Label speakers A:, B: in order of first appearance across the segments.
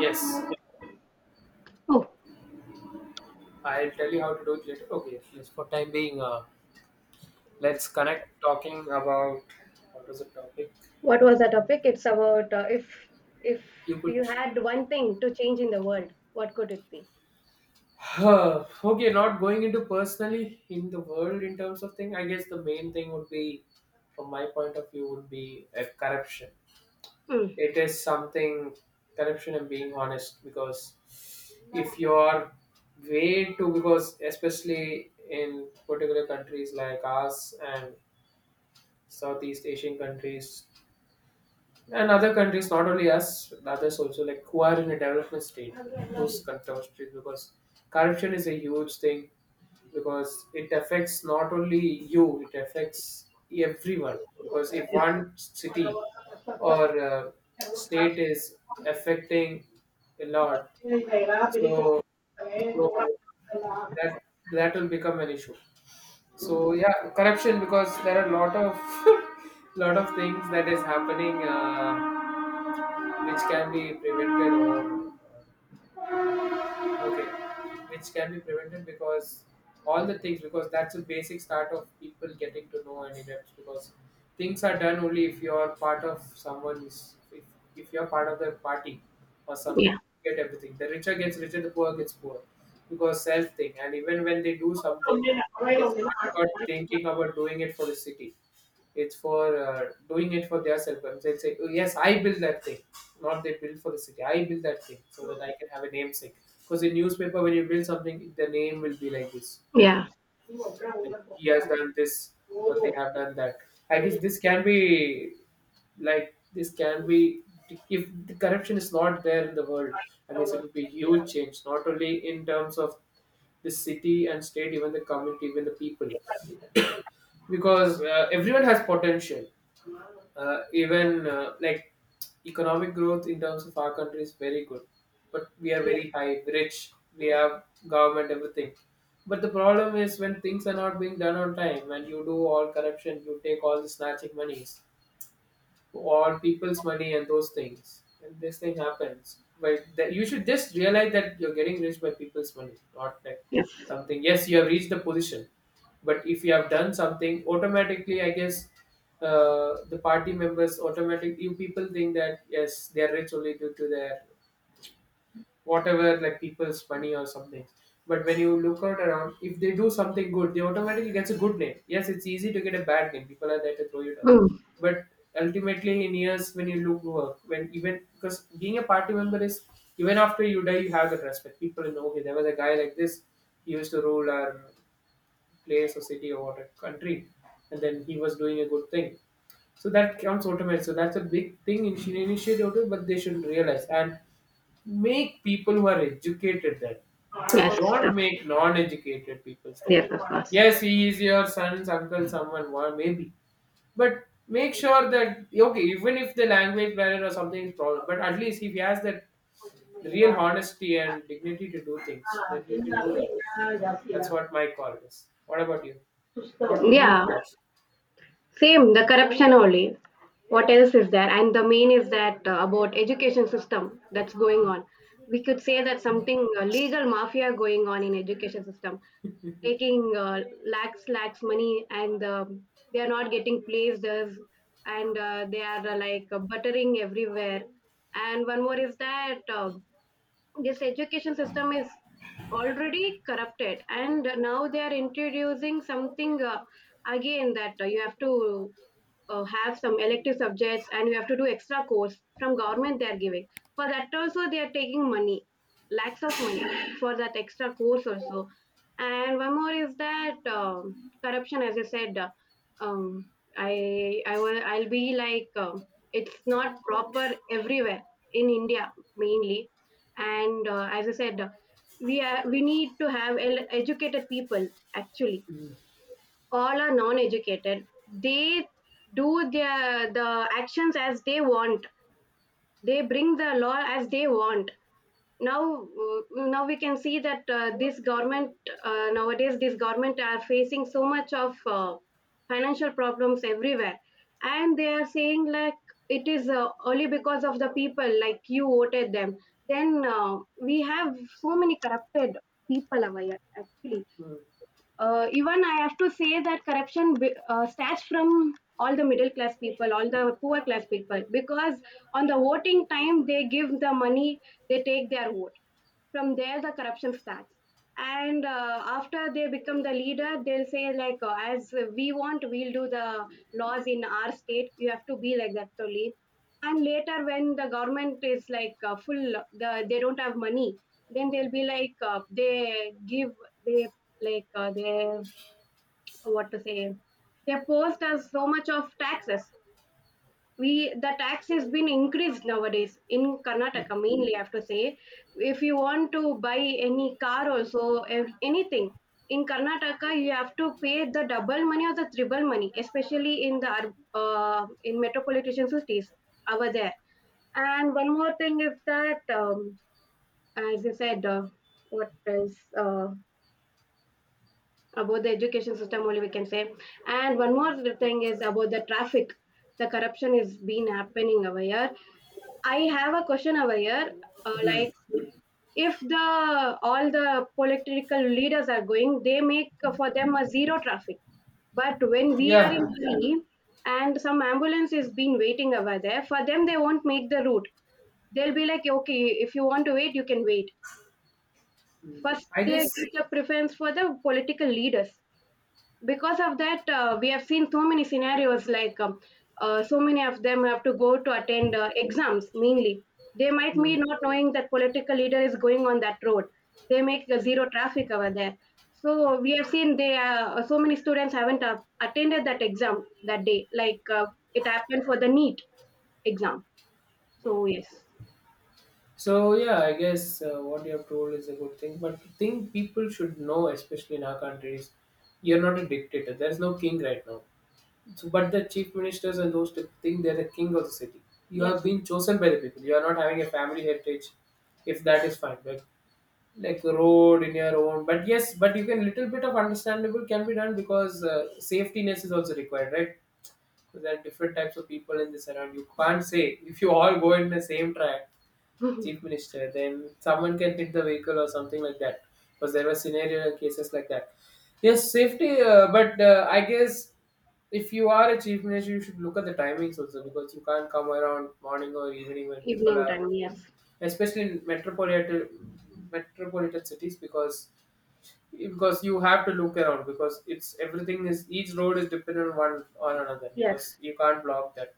A: Yes,
B: Oh,
A: I'll tell you how to do it later. Okay, yes, for time being, let's connect talking about what was the topic?
B: what was the topic? It's about if
A: You could.
B: you had one thing to change in the world, what could it be?
A: Okay, not going into personally in the world in terms of thing. I guess the main thing would be, from my point of view, would be corruption.
B: Mm.
A: It is something corruption and being honest because if you're way too because especially in particular countries like us and Southeast Asian countries and other countries, not only us, others also, like who are in a development state, those countries, because corruption is a huge thing because it affects not only you, it affects everyone. Because if one city or state is affecting a lot, so, so that that will become an issue. So yeah, corruption because there are a lot of lot of things that is happening. Which can be prevented or okay which can be prevented because all the things because that's a basic start of people getting to know and adapt because things are done only if you're part of someone is if, if you're part of the party or something.
B: Yeah,
A: You get everything, the richer gets richer, the poor gets poor because self thing. And even when they do something, it's not about thinking about doing it for the city, it's for doing it for their self. They'll say, oh, yes, I built that thing. Not they built for the city. I built that thing so that I can have a namesake. Because in newspaper, when you build something, the name will be like this printed.
B: yeah,
A: Like he has done this or they have done that. I guess this can be like this can be if the corruption is not there in the world. I guess it would be huge change, not only in terms of the city and state, even the community, even the people, because everyone has potential, even like economic growth in terms of our country is very good, but we are very high rich, we have government everything. But the problem is when things are not being done on time and you do all corruption, you take all the snatching monies or people's money and those things. And this thing happens. But that you should just realize that you're getting rich by people's money, not like
B: yes.
A: something. Yes, you have reached the position, but if you have done something, automatically, I guess, the party members automatically, you people think that yes, they are rich only due to their whatever like people's money or something. But when you look out around, if they do something good, they automatically gets a good name. Yes, it's easy to get a bad name. People are there to throw you down.
B: Mm.
A: But ultimately, in years when you look work, when even because being a party member is even after you die, you have that respect. People know okay, there was a guy like this. He used to rule our place or city or what a country, and then he was doing a good thing. So that counts automatically. So that's a big thing in Indian initiative, but they should realize and make people who are educated there.
B: Yes,
A: Don't
B: of-
A: make non-educated people there.
B: yes, of course.
A: Yes, he is your son's uncle, someone, maybe. But make sure that okay, even if the language barrier or something is problem, but at least if he has that real honesty and dignity to do things, then you can do that. That's what my call is. What about you? What would you
B: Yeah,
A: think?
B: same, the corruption only. What else is there? And the main is that about education system that's going on. We could say that something legal mafia going on in education system, taking lakhs money, and they are not getting places, and they are like buttering everywhere. And one more is that. This education system is already corrupted, and now they are introducing something again, that you have to have some elective subjects, and you have to do extra course from government they are giving. For that also they are taking money, lakhs of money, for that extra course also. And one more is that corruption, as I said, um, I'll be like, it's not proper everywhere, in India mainly. And as I said, we need to have educated people actually.
A: Mm,
B: All are non educated. They do their the actions as they want, they bring the law as they want. now uh, now we can see that this government, nowadays this government are facing so much of financial problems everywhere. And they are saying like, it is only because of the people like you voted them. Then we have so many corrupted people over here actually.
A: mm,
B: Even I have to say that corruption starts from all the middle class people, all the poor class people, because on the voting time they give the money, they take their vote. From there, the corruption starts. And after they become the leader, they'll say like, as we want, we'll do the laws in our state. You have to be like that, Tolly. And later when the government is like full the, they don't have money, then they'll be like, they give they like they, what to say, they post us so much of taxes. We, the tax has been increased nowadays in Karnataka mainly, I have to say. If you want to buy any car also, if anything, in Karnataka you have to pay the double money or the triple money, especially in the in metropolitan cities over there. And one more thing is that as you said, what is, about the education system, only we can say. And one more thing is about the traffic. The corruption is been happening over here. I have a question over here,
A: mm.
B: like, if the all the political leaders are going, they make for them a zero traffic. But when we are in
A: Yeah.
B: hurry, and some ambulance is been waiting over there for them, they won't make the route. They'll be like, okay, if you want to wait, you can wait.
A: Mm.
B: First
A: I
B: they
A: guess.
B: give the preference for the political leaders. Because of that, we have seen so many scenarios like so many of them have to go to attend exams mainly. They might be not knowing that political leader is going on that road, they make a zero traffic over there. So we have seen, they, so many students haven't attended that exam that day, like, it happened for the neat exam. So yes,
A: So yeah, I guess what you have told is a good thing, but the thing people should know, especially in our country, is you're not a dictator. There's no king right now. So, but the chief ministers and those type of thing, they're the king of the city. You have
B: yes.
A: been chosen by the people. You are not having a family heritage, if that is fine. But like the road in your own, but yes, but you can little bit of understandable can be done because safety ness is also required, right? So there are different types of people in this around. You can't say if you all go in the same track chief minister, then someone can hit the vehicle or something like that. Because there were scenario cases like that. Yes, safety. But I guess if you are a chief minister, you should look at the timings also because you can't come around morning or evening when people
B: Evening
A: are,
B: time, yes.
A: especially in metropolitan cities, because you have to look around because it's everything is each road is dependent on one on another
B: Yes,
A: because you can't block that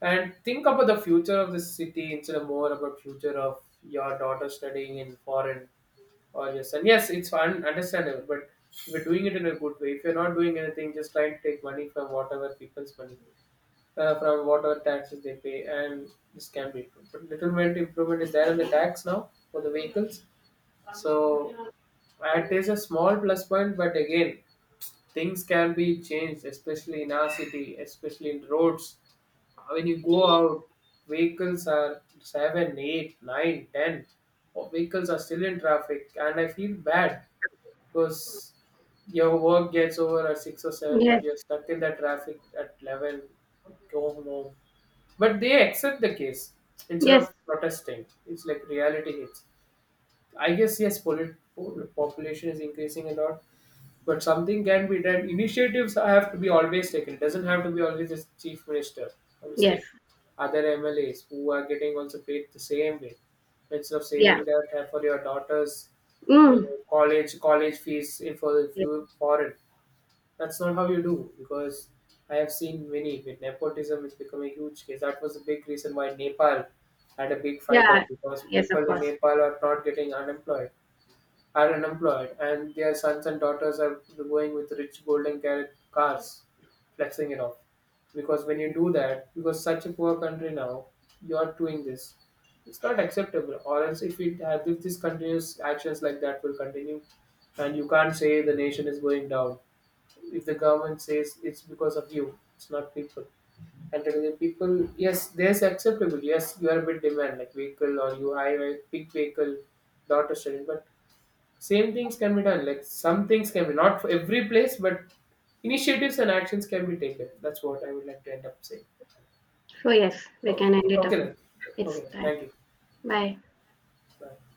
A: and think about the future of this city instead of more about future of your daughter studying in foreign or your son. Yes, it's fun, understandable, but we are doing it in a good way, if you're not doing anything, just try to take money from whatever people's money, from whatever taxes they pay, and this can be improved. But little bit improvement is there in the tax now for the vehicles, so it is a small plus point, but again. Things can be changed, especially in our city, especially in roads. When you go out, vehicles are 7, 8, 9, ten, or vehicles are still in traffic, and I feel bad because your work gets over at 6 or 7, but
B: yes,
A: you're stuck in that traffic at 11. Go home. But they accept the case instead
B: yes,
A: of protesting. It's like reality hits. I guess yes, population is increasing a lot, but something can be done. Initiatives have to be always taken. It doesn't have to be always the chief minister or the
B: yes,
A: state. Other MLAs who are getting also paid the same way. Instead of
B: yeah.
A: saving that for your daughter's uh,
B: Mm.
A: college fees in for if
B: Yes.
A: you foreign, that's not how you do. Because I have seen many with nepotism, it's become a huge case. That was a big reason why Nepal had a big fight
B: Yeah,
A: out because
B: yes, of
A: people in
B: course.
A: Nepal are not getting unemployed are unemployed, and their sons and daughters are going with rich cars, flexing it off. Because when you do that, because such a poor country now, you're doing this. It's not acceptable. Or else, if it if this continuous actions like that will continue, and you can't say the nation is going down. If the government says it's because of you, it's not people and telling the people yes there's acceptable yes you are a bit demand like vehicle or you high big vehicle daughter student but same things can be done. Like some things can be not for every place, but initiatives and actions can be taken. That's what I would like to end up saying.
B: So yes, we
A: Oh,
B: can end it
A: okay
B: up.
A: then.
B: It's
A: Okay then.
B: time.
A: Thank you.
B: Bye.
A: Bye.